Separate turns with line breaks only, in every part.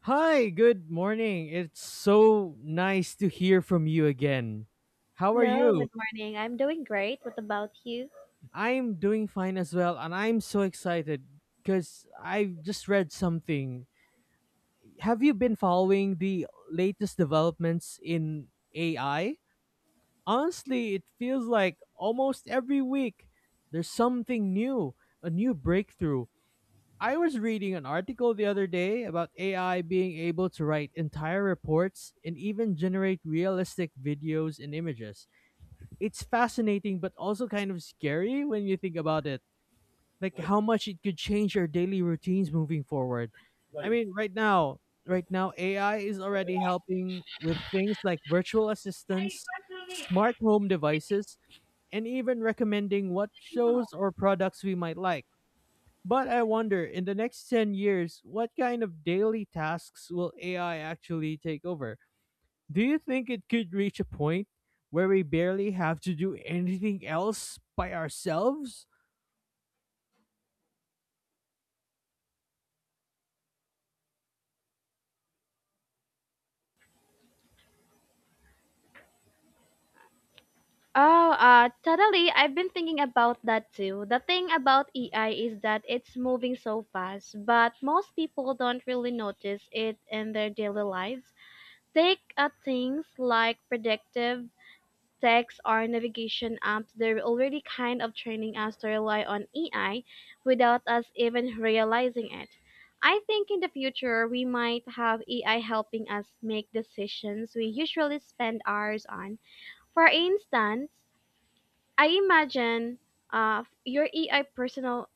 Hi, good morning. It's so nice to hear from you again. How are
Hello,
you?
good morning. I'm doing great. What about you?
I'm doing fine as well, and I'm so excited because I just read something. Have you been following the latest developments in AI? Honestly, it feels like almost every week there's something new, a new breakthrough. I was reading an article the other day about AI being able to write entire reports and even generate realistic videos and images. It's fascinating but also kind of scary when you think about it, like how much it could change our daily routines moving forward. I mean, right now AI is already helping with things like virtual assistants, smart home devices, and even recommending what shows or products we might like, but I wonder, in the next 10 years, what kind of daily tasks will AI actually take over? Do you think it could reach a point where we barely have to do anything else by ourselves?
Oh, totally. I've been thinking about that too. The thing about AI is that it's moving so fast, but most people don't really notice it in their daily lives. Take things like predictive texts or navigation apps. They're already kind of training us to rely on AI without us even realizing it. I think in the future we might have AI helping us make decisions we usually spend hours on. For instance, I imagine your AI personal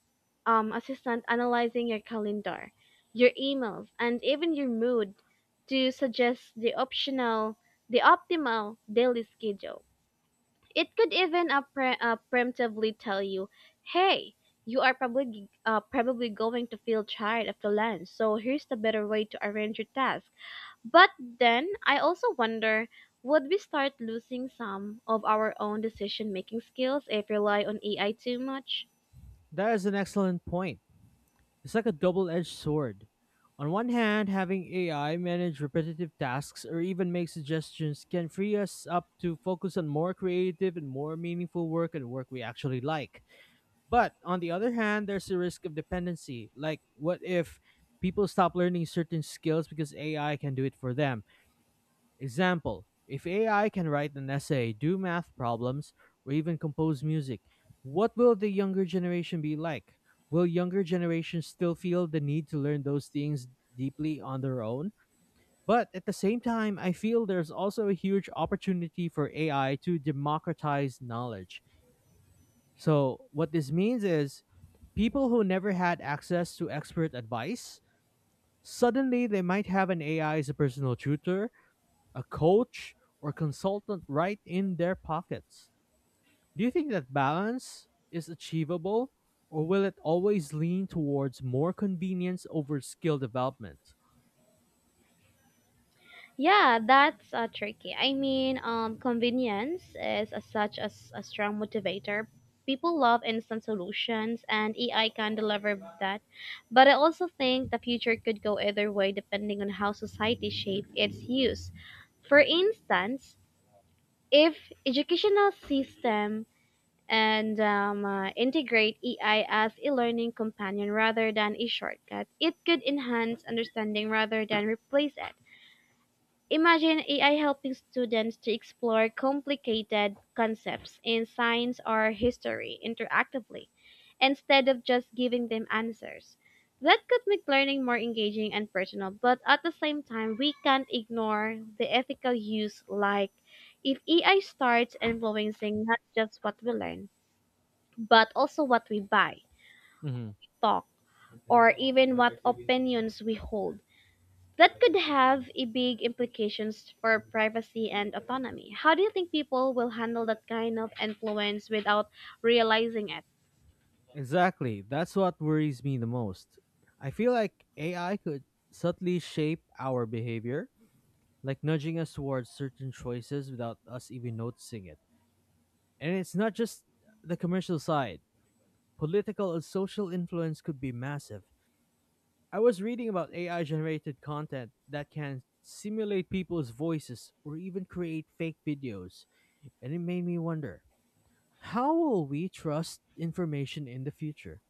assistant analyzing your calendar, your emails, and even your mood to suggest the optimal daily schedule. It could even preemptively tell you, hey, you are probably going to feel tired of the lunch, so here's the better way to arrange your task. But then I also wonder, would we start losing some of our own decision making skills if we rely on AI too much?
That is an excellent point. It's like a double edged sword. On one hand, having AI manage repetitive tasks or even make suggestions can free us up to focus on more creative and more meaningful work, and work we actually like. But on the other hand, there's a risk of dependency. Like, what if people stop learning certain skills because AI can do it for them? Example: if AI can write an essay, do math problems, or even compose music, what will the younger generation be like? Will younger generations still feel the need to learn those things deeply on their own? But at the same time, I feel there's also a huge opportunity for AI to democratize knowledge. So, what this means is, people who never had access to expert advice, suddenly they might have an AI as a personal tutor, a coach, or consultant right in their pockets. Do you think that balance is achievable, or will it always lean towards more convenience over skill development?
Yeah, that's tricky. I mean, convenience is as such as a strong motivator. People love instant solutions, and AI can deliver that. But I also think the future could go either way depending on how society shapes its use. For instance, if educational system and integrate AI as a learning companion rather than a shortcut, it could enhance understanding rather than replace it. Imagine AI helping students to explore complicated concepts in science or history interactively instead of just giving them answers. That could make learning more engaging and personal, but at the same time, we can't ignore the ethical use, like if AI starts influencing not just what we learn, but also what we buy,
Mhm.
talk, or even what opinions we hold. That could have a big implications for privacy and autonomy. How do you think people will handle that kind of influence without realizing it?
Exactly. That's what worries me the most. I feel like AI could subtly shape our behavior, like nudging us towards certain choices without us even noticing it. And it's not just the commercial side, political and social influence could be massive. I was reading about AI generated content that can simulate people's voices or even create fake videos, and it made me wonder, how will we trust information in the future?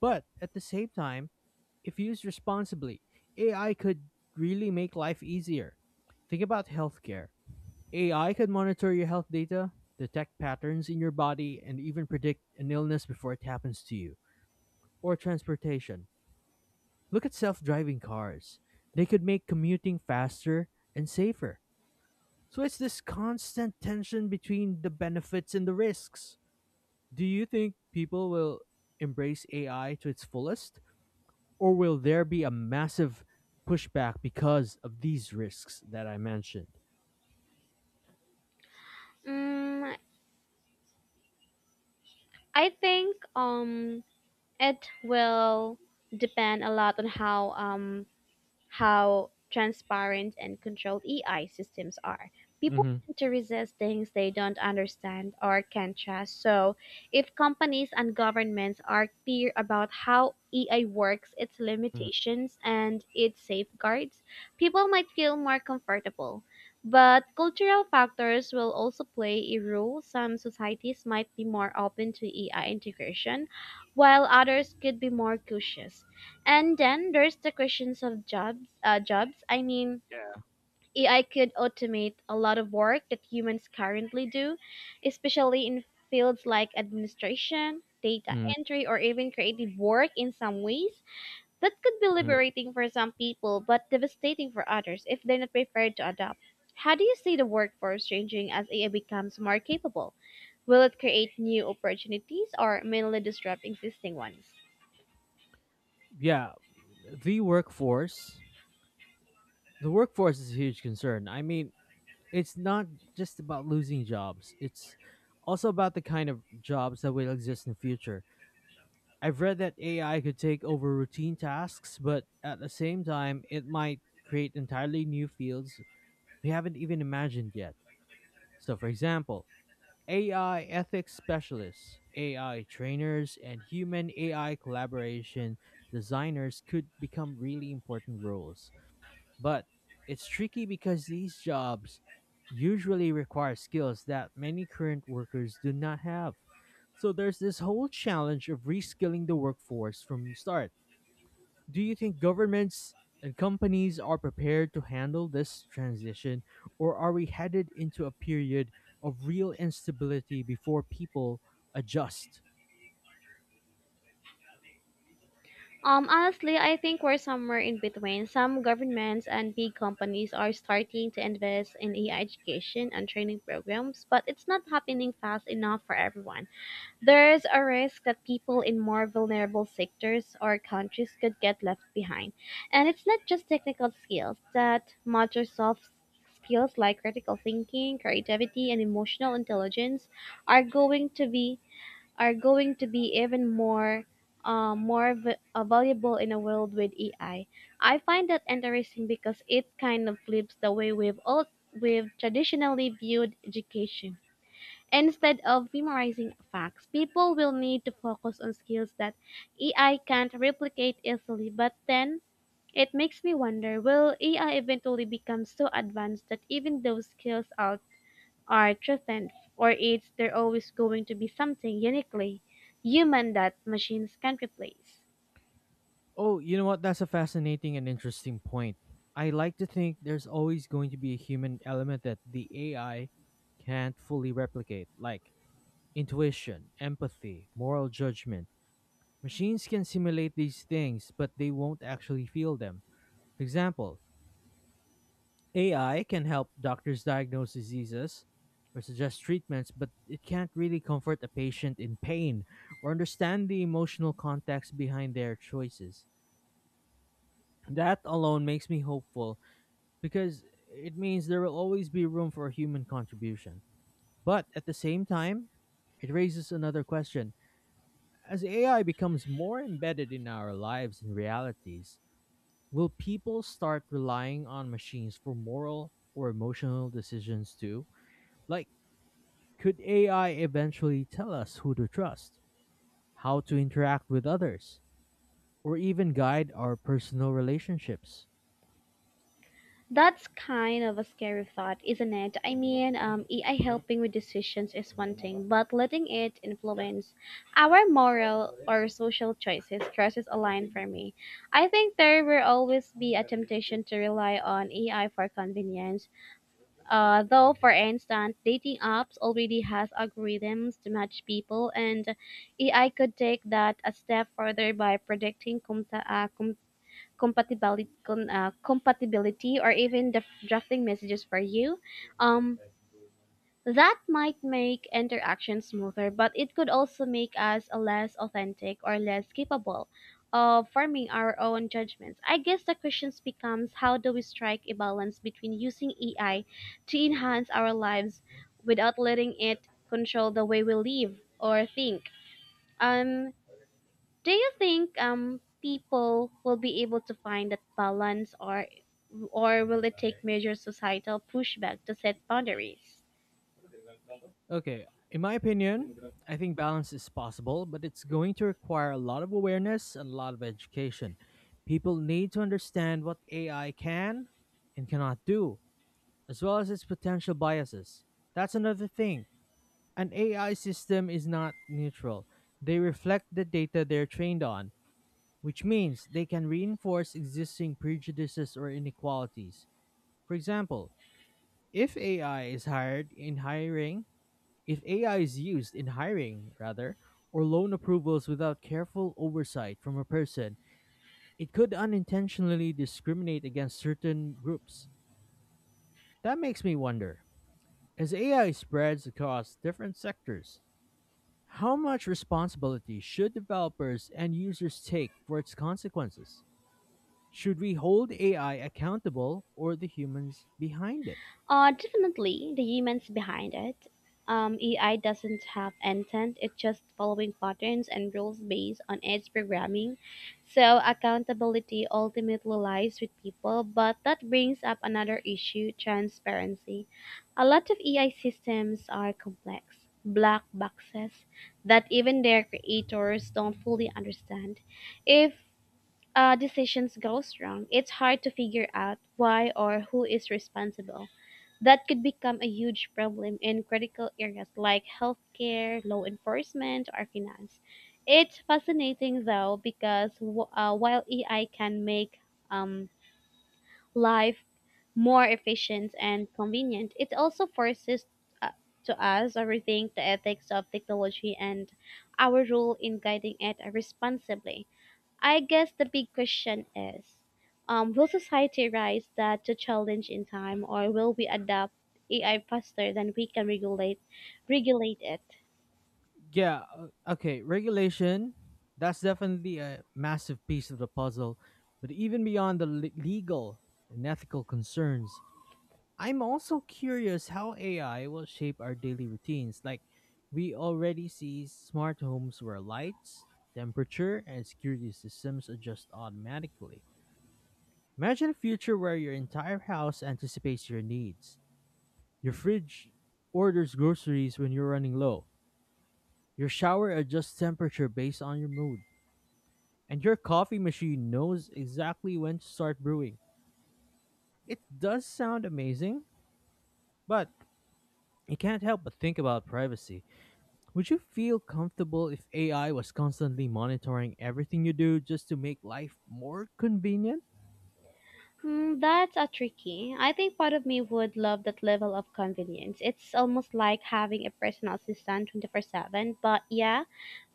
But at the same time, if used responsibly, AI could really make life easier. Think about healthcare. AI could monitor your health data, detect patterns in your body, and even predict an illness before it happens to you. Or transportation. Look at self driving cars. They could make commuting faster and safer. So it's this constant tension between the benefits and the risks. Do you think people will embrace AI to its fullest? Or will there be a massive pushback because of these risks that I mentioned?
Mm, I think it will depend a lot on how transparent and controlled AI systems are. People
Hmm.
tend to resist things they don't understand or can't trust. So, if companies and governments are clear about how AI works, its limitations, and its safeguards, people might feel more comfortable. But cultural factors will also play a role. Some societies might be more open to AI integration, while others could be more cautious. And then there's the questions of jobs. Jobs. I mean,
Yeah.
AI could automate a lot of work that humans currently do, especially in fields like administration, data
Mm-hmm.
entry, or even creative work in some ways. That could be liberating for some people, but devastating for others if they're not prepared to adapt. How do you see the workforce changing as AI becomes more capable? Will it create new opportunities or mainly disrupt existing ones?
Yeah, the workforce. The workforce is a huge concern. I mean, it's not just about losing jobs. It's also about the kind of jobs that will exist in the future. I've read that AI could take over routine tasks, but at the same time, it might create entirely new fields we haven't even imagined yet. So, for example, AI ethics specialists, AI trainers, and human AI collaboration designers could become really important roles. But it's tricky because these jobs usually require skills that many current workers do not have. So there's this whole challenge of reskilling the workforce from the start. Do you think governments and companies are prepared to handle this transition, or are we headed into a period of real instability before people adjust?
Honestly, I think we're somewhere in between. Some governments and big companies are starting to invest in AI education and training programs, but it's not happening fast enough for everyone. There's a risk that people in more vulnerable sectors or countries could get left behind. And it's not just technical skills that matter, soft skills like critical thinking, creativity, and emotional intelligence are going to be are going to be even more valuable in a world with AI. I find that interesting because it kind of flips the way we've traditionally viewed education. Instead of memorizing facts, people will need to focus on skills that AI can't replicate easily. But then it makes me wonder, will AI eventually become so advanced that even those skills are threatened, or it's there always going to be something uniquely human that machines can't replace?
Oh, you know what? That's a fascinating and interesting point. I like to think there's always going to be a human element that the AI can't fully replicate, like intuition, empathy, moral judgment. Machines can simulate these things, but they won't actually feel them. For example, AI can help doctors diagnose diseases or suggest treatments, but it can't really comfort a patient in pain or understand the emotional context behind their choices. That alone makes me hopeful because it means there will always be room for human contribution. But at the same time, it raises another question. As AI becomes more embedded in our lives and realities, will people start relying on machines for moral or emotional decisions too? Like, could AI eventually tell us who to trust, how to interact with others, or even guide our personal relationships?
That's kind of a scary thought, isn't it? I mean, AI helping with decisions is one thing, but letting it influence our moral or social choices crosses a line for me. I think there will always be a temptation to rely on AI for convenience. Though, for instance, dating apps already has algorithms to match people, and AI could take that a step further by predicting compatibility, compatibility, or even the drafting messages for you. Um, that might make interaction smoother, but it could also make us less authentic or less capable of forming our own judgments. I guess the question becomes, how do we strike a balance between using AI to enhance our lives without letting it control the way we live or think? Um, do you think people will be able to find that balance, or will it take major societal pushback to set boundaries?
Okay, in my opinion, I think balance is possible, but it's going to require a lot of awareness and a lot of education. People need to understand what AI can and cannot do, as well as its potential biases. That's another thing. An AI system is not neutral. They reflect the data they're trained on, which means they can reinforce existing prejudices or inequalities. For example, if AI is hired in hiring if AI is used in hiring, rather, or loan approvals without careful oversight from a person, it could unintentionally discriminate against certain groups. That makes me wonder, as AI spreads across different sectors, how much responsibility should developers and users take for its consequences? Should we hold AI accountable, or the humans behind it?
Definitely the humans behind it. AI doesn't have intent, it's just following patterns and rules based on its programming. So, accountability ultimately lies with people, but that brings up another issue, transparency. A lot of AI systems are complex, black boxes that even their creators don't fully understand. If decisions goes wrong, it's hard to figure out why or who is responsible. That could become a huge problem in critical areas like healthcare, law enforcement, or finance. It's fascinating though because while AI can make um, life more efficient and convenient, it also forces uh, to us to rethink the ethics of technology and our role in guiding it responsibly. I guess the big question is, will society rise that to challenge in time, or will we adapt AI faster than we can regulate it?
Yeah. Okay. Regulation. That's definitely a massive piece of the puzzle. But even beyond the legal and ethical concerns, I'm also curious how AI will shape our daily routines. Like, we already see smart homes where lights, temperature, and security systems adjust automatically. Imagine a future where your entire house anticipates your needs. Your fridge orders groceries when you're running low, your shower adjusts temperature based on your mood, and your coffee machine knows exactly when to start brewing. It does sound amazing, but you can't help but think about privacy. Would you feel comfortable if AI was constantly monitoring everything you do just to make life more convenient?
Hmm, that's a tricky. I think part of me would love that level of convenience. It's almost like having a personal assistant 24/7, but yeah,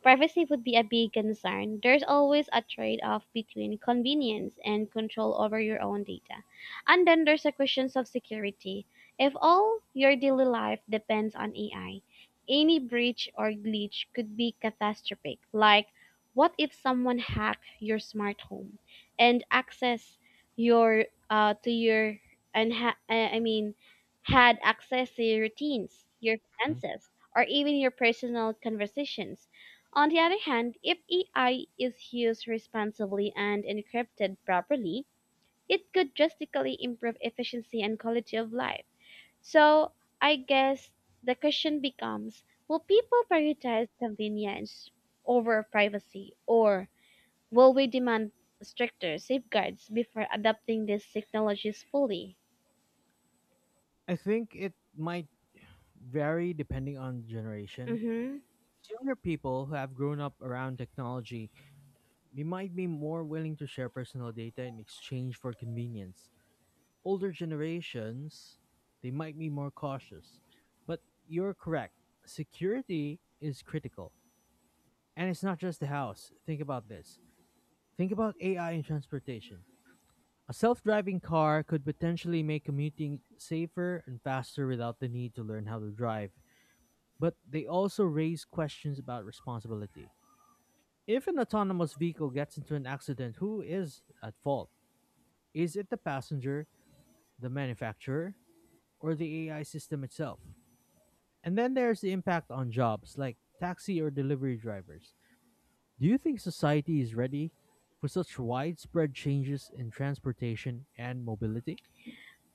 privacy would be a big concern. There's always a trade off between convenience and control over your own data. And then there's the questions of security. If all your daily life depends on AI, any breach or glitch could be catastrophic. Like, what if someone hacked your smart home and access your to your and ha- I mean had access to your routines, your
Mhm.
finances, or even your personal conversations? On the other hand, if AI is used responsibly and encrypted properly, it could drastically improve efficiency and quality of life. So, I guess the question becomes, will people prioritize convenience over privacy, or will we demand stricter safeguards before adopting these technologies fully?
I think it might vary depending on generation.
hmm
Younger people who have grown up around technology, they might be more willing to share personal data in exchange for convenience. Older generations, they might be more cautious. But you're correct. Security is critical. And it's not just the house. Think about this. Think about AI in transportation. A self driving car could potentially make commuting safer and faster without the need to learn how to drive. But they also raise questions about responsibility. If an autonomous vehicle gets into an accident, who is at fault? Is it the passenger, the manufacturer, or the AI system itself? And then there's the impact on jobs like taxi or delivery drivers. Do you think society is ready for such widespread changes in transportation and mobility?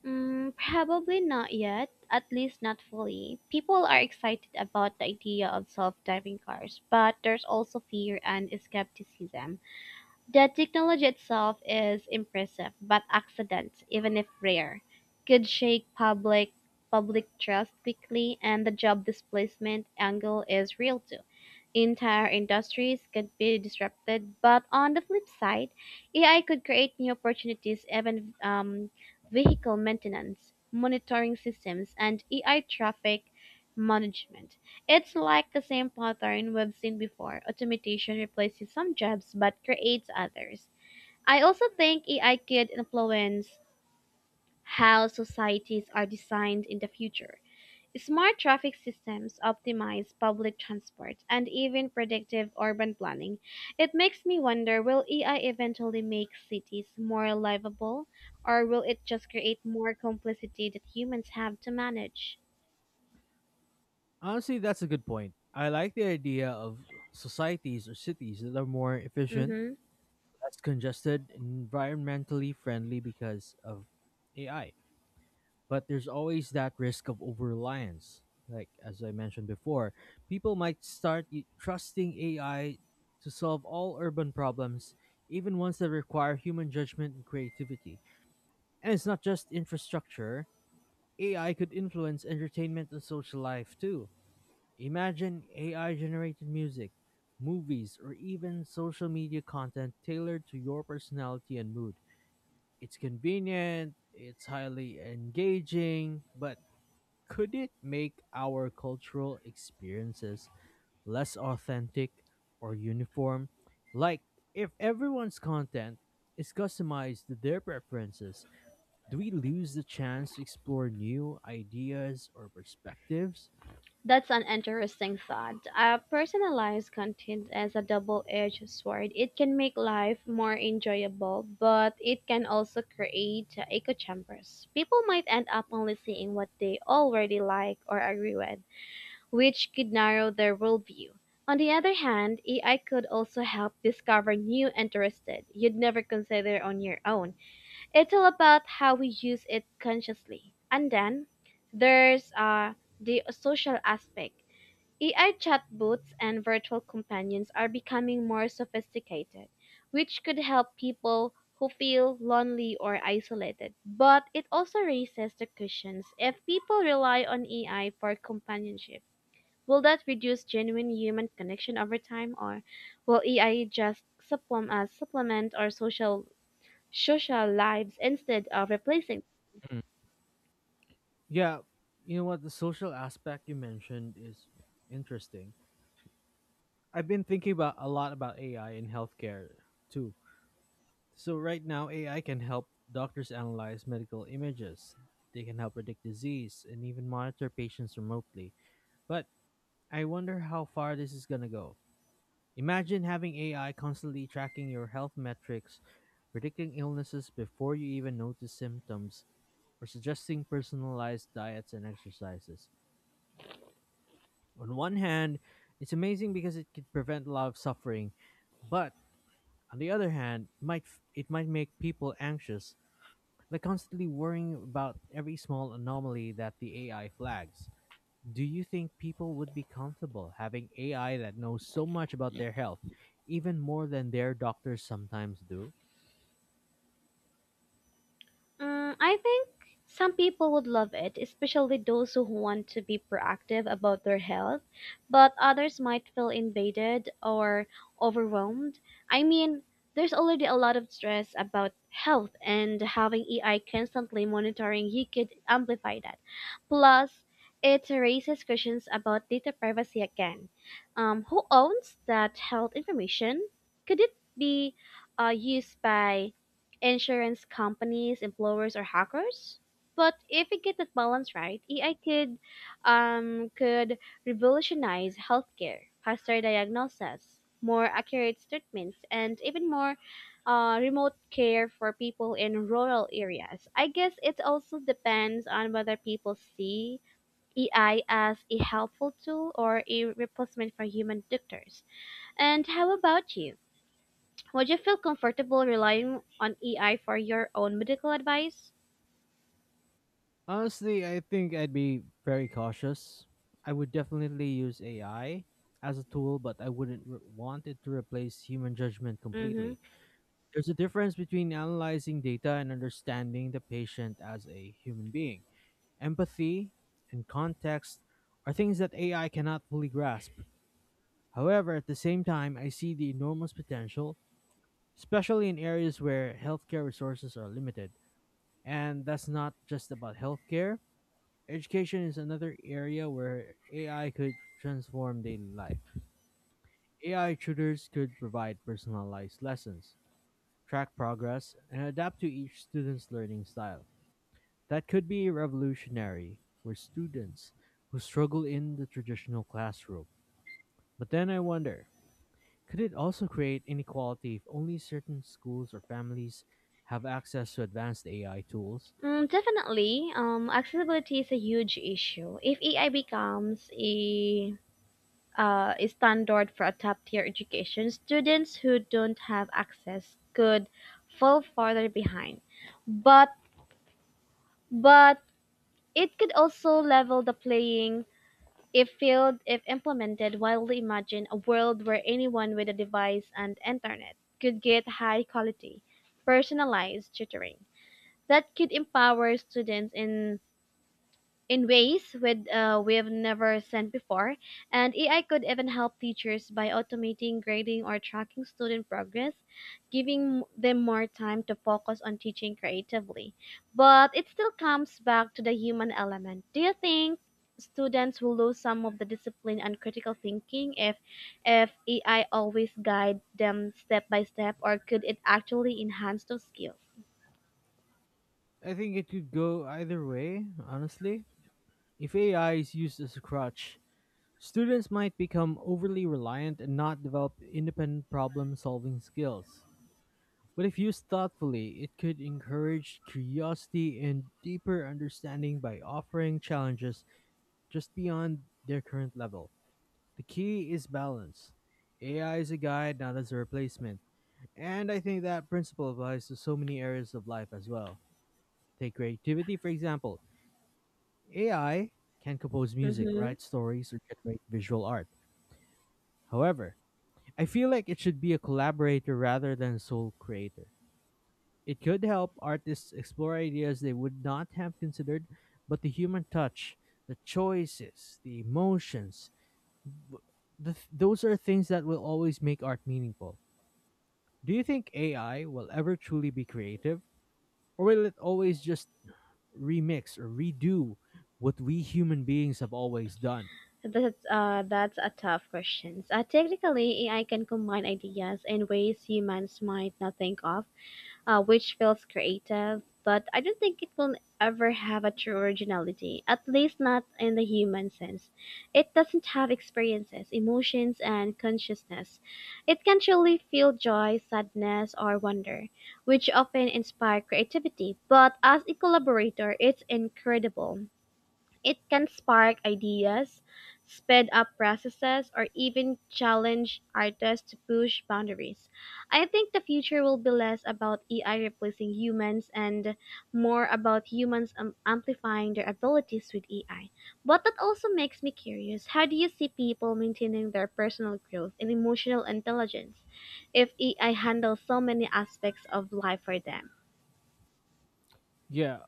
Probably not yet, at least not fully. People are excited about the idea of self driving cars, but there's also fear and skepticism. The technology itself is impressive, but accidents, even if rare, could shake public trust quickly, and the job displacement angle is real too. Entire industries could be disrupted, but on the flip side, AI could create new opportunities, even vehicle maintenance, monitoring systems, and AI traffic management. It's like the same pattern we've seen before. Automation replaces some jobs but creates others. I also think AI could influence how societies are designed in the future. Smart traffic systems optimize public transport and even predictive urban planning. It makes me wonder, will AI eventually make cities more livable or will it just create more complexity that humans have to manage?
Honestly, that's a good point. I like the idea of societies or cities that are more efficient,
Mhm.
less congested, and environmentally friendly because of AI. But there's always that risk of over reliance. Like, as I mentioned before, people might start trusting AI to solve all urban problems, even ones that require human judgment and creativity. And it's not just infrastructure, AI could influence entertainment and social life too. Imagine AI generated music, movies, or even social media content tailored to your personality and mood. It's convenient, it's highly engaging, but could it make our cultural experiences less authentic or uniform? Like, if everyone's content is customized to their preferences, do we lose the chance to explore new ideas or perspectives?
That's an interesting thought. Personalized content is a double edged sword. It can make life more enjoyable, but it can also create echo chambers. People might end up only seeing what they already like or agree with, which could narrow their worldview. On the other hand, AI could also help discover new interested you'd never consider on your own. It's all about how we use it consciously. And then there's the social aspect. AI chatbots and virtual companions are becoming more sophisticated, which could help people who feel lonely or isolated. But it also raises the questions, if people rely on AI for companionship, will that reduce genuine human connection over time, or will AI just supplement our social lives instead of replacing?
Mm. Yeah, you know what? The social aspect you mentioned is interesting. I've been thinking about a lot about AI in healthcare too. So right now, AI can help doctors analyze medical images. They can help predict disease and even monitor patients remotely. But I wonder how far this is going to go. Imagine having AI constantly tracking your health metrics, predicting illnesses before you even notice symptoms, or suggesting personalized diets and exercises. On one hand, it's amazing because it could prevent a lot of suffering, but on the other hand, might it might make people anxious, like constantly worrying about every small anomaly that the AI flags. Do you think people would be comfortable having AI that knows so much about their health, even more than their doctors sometimes do?
Mm, I think some people would love it, especially those who want to be proactive about their health, but others might feel invaded or overwhelmed. I mean, there's already a lot of stress about health, and having AI constantly monitoring you could amplify that. Plus, it raises questions about data privacy again. Who owns that health information? Could it be used by insurance companies, employers, or hackers? But if we get that balance right, AI could revolutionize healthcare, faster diagnosis, more accurate treatments, and even more remote care for people in rural areas. I guess it also depends on whether people see AI as a helpful tool or a replacement for human doctors. And how about you? Would you feel comfortable relying on AI for your own medical advice?
Honestly, I think I'd be very cautious. I would definitely use AI as a tool, but I wouldn't want it to replace human judgment
Mm-hmm.
completely. There's a difference between analyzing data and understanding the patient as a human being. Empathy and context are things that AI cannot fully grasp. However, at the same time, I see the enormous potential, especially in areas where healthcare resources are limited. And that's not just about healthcare. Education is another area where AI could transform daily life. AI tutors could provide personalized lessons, track progress, and adapt to each student's learning style. That could be revolutionary for students who struggle in the traditional classroom. But then I wonder, could it also create inequality if only certain schools or families have access to advanced AI tools?
Mm, definitely. Accessibility is a huge issue. If AI becomes a standard for a top tier education, students who don't have access could fall farther behind. But but it could also level the playing If field if implemented wildly. Imagine a world where anyone with a device and internet could get high quality, personalized tutoring. That could empower students in ways with we've never seen before, and AI could even help teachers by automating grading or tracking student progress, giving them more time to focus on teaching creatively. But it still comes back to the human element. Do you think students will lose some of the discipline and critical thinking if AI always guide them step by step, or could it actually enhance those skills?
I think it could go either way, honestly. If AI is used as a crutch, students might become overly reliant and not develop independent problem solving skills. But if used thoughtfully, it could encourage curiosity and deeper understanding by offering challenges just beyond their current level. The key is balance. AI is a guide, not as a replacement. And I think that principle applies to so many areas of life as well. Take creativity, for example. AI can compose music,
Mm-hmm.
write stories, or generate visual art. However, I feel like it should be a collaborator rather than a sole creator. It could help artists explore ideas they would not have considered, but the human touch, the choices, the emotions, th- those are things that will always make art meaningful. Do you think AI will ever truly be creative? Or will it always just remix or redo what we human beings have always done?
That's a tough question. Technically, AI can combine ideas in ways humans might not think of, which feels creative. But I don't think it will ever have a true originality, at least not in the human sense. It doesn't have experiences, emotions, and consciousness. It can truly feel joy, sadness, or wonder, which often inspire creativity. But as a collaborator, it's incredible. It can spark ideas, speed up processes, or even challenge artists to push boundaries. I think the future will be less about AI replacing humans and more about humans amplifying their abilities with AI. But that also makes me curious, how do you see people maintaining their personal growth and emotional intelligence if AI handles so many aspects of life for them?
Yeah.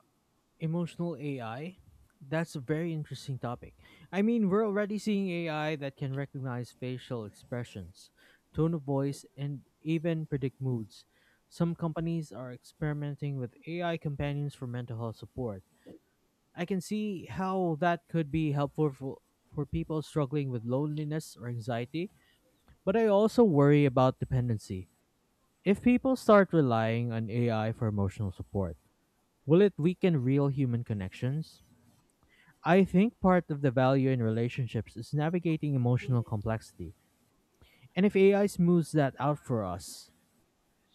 Emotional AI? That's a very interesting topic. I mean, we're already seeing AI that can recognize facial expressions, tone of voice, and even predict moods. Some companies are experimenting with AI companions for mental health support. I can see how that could be helpful for people struggling with loneliness or anxiety, but I also worry about dependency. If people start relying on AI for emotional support, will it weaken real human connections? I think part of the value in relationships is navigating emotional complexity. And if AI smooths that out for us,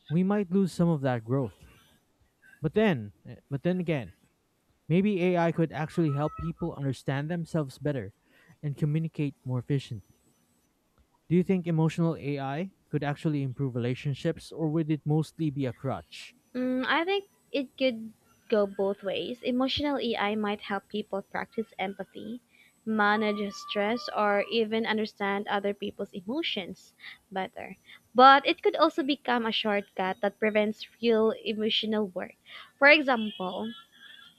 we might lose some of that growth. But then again, maybe AI could actually help people understand themselves better and communicate more efficiently. Do you think emotional AI could actually improve relationships, or would it mostly be a crutch?
Mm, I think it could go both ways. Emotional AI might help people practice empathy, manage stress, or even understand other people's emotions better. But it could also become a shortcut that prevents real emotional work. For example,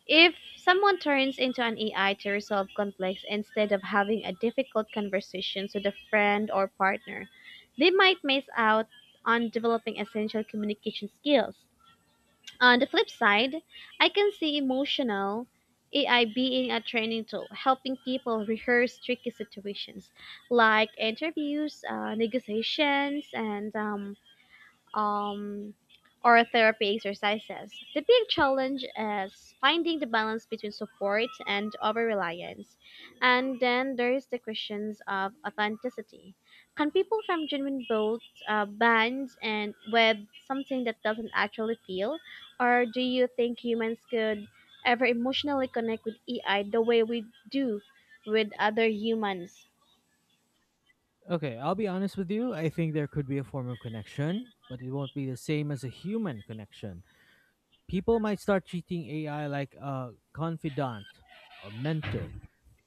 if someone turns into an AI to resolve conflicts instead of having a difficult conversation with a friend or partner, they might miss out on developing essential communication skills. On the flip side, I can see emotional AI being a training tool, helping people rehearse tricky situations like interviews, negotiations, and um, or therapy exercises. The big challenge is finding the balance between support and over reliance. And then there's the questions of authenticity. Can people from genuine both bands and with something that doesn't actually feel? Or do you think humans could ever emotionally connect with AI the way we do with other humans?
Okay, I'll be honest with you. I think there could be a form of connection, but it won't be the same as a human connection. People might start treating AI like a confidant or mentor,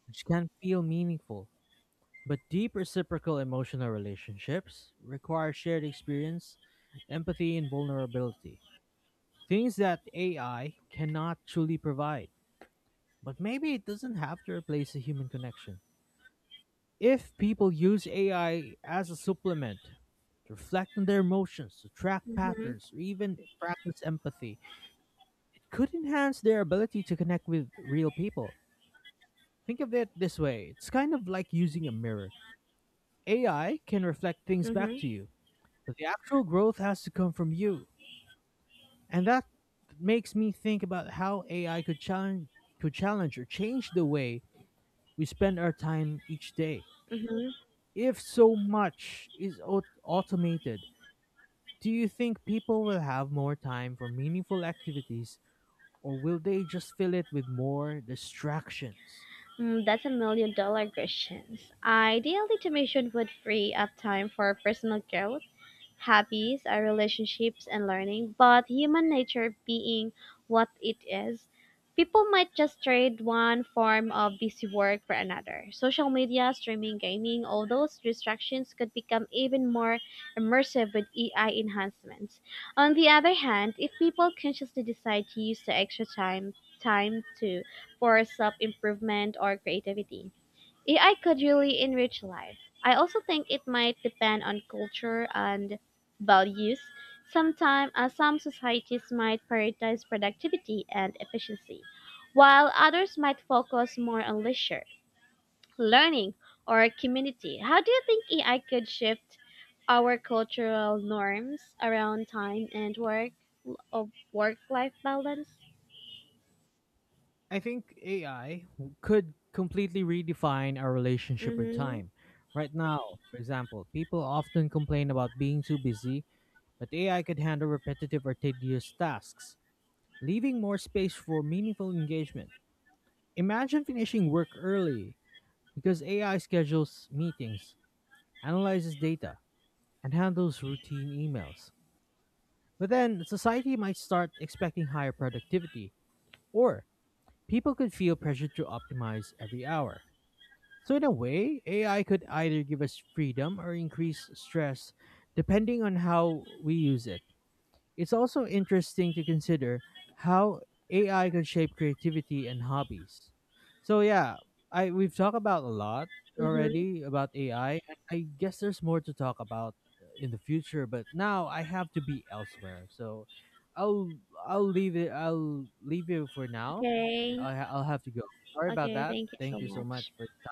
which can feel meaningful. But deep reciprocal emotional relationships require shared experience, empathy, and vulnerability. Things that AI cannot truly provide. But maybe it doesn't have to replace a human connection. If people use AI as a supplement to reflect on their emotions, to track
Mm-hmm,
patterns, or even practice empathy, could enhance their ability to connect with real people. Think of it this way, it's kind of like using a mirror. AI can reflect things back
mm-hmm,
to you, but the actual growth has to come from you. And that makes me think about how AI could challenge or change the way we spend our time each day.
mm-hmm.
If so much is automated, do you think people will have more time for meaningful activities, or will they just fill it with more distractions?
Mm, that's a million dollar question. Ideally, automation would free up time for personal growth, hobbies, our relationships, and learning. But human nature being what it is, people might just trade one form of busy work for another. Social media, streaming, gaming, all those distractions could become even more immersive with AI enhancements. On the other hand, if people consciously decide to use the extra time, time to for self improvement or creativity. AI could really enrich life. I also think it might depend on culture and values. Some societies might prioritize productivity and efficiency, while others might focus more on leisure, learning, or community. How do you think AI could shift our cultural norms around time and work of work-life balance?
I think AI could completely redefine our relationship with
Mm-hmm.
time. Right now, for example, people often complain about being too busy, but AI could handle repetitive or tedious tasks, leaving more space for meaningful engagement. Imagine finishing work early because AI schedules meetings, analyzes data, and handles routine emails. But then society might start expecting higher productivity, or people could feel pressured to optimize every hour. So, in a way, AI could either give us freedom or increase stress depending on how we use it. It's also interesting to consider how AI could shape creativity and hobbies. So, yeah, I, we've talked about a lot
Mm-hmm.
already about AI, and I guess there's more to talk about in the future, but now I have to be elsewhere. So, I'll I'll leave it I'll leave you for now.
Okay.
I'll have to go. Sorry about
Okay.
that.
Thank you so
Thank you so much
much.
for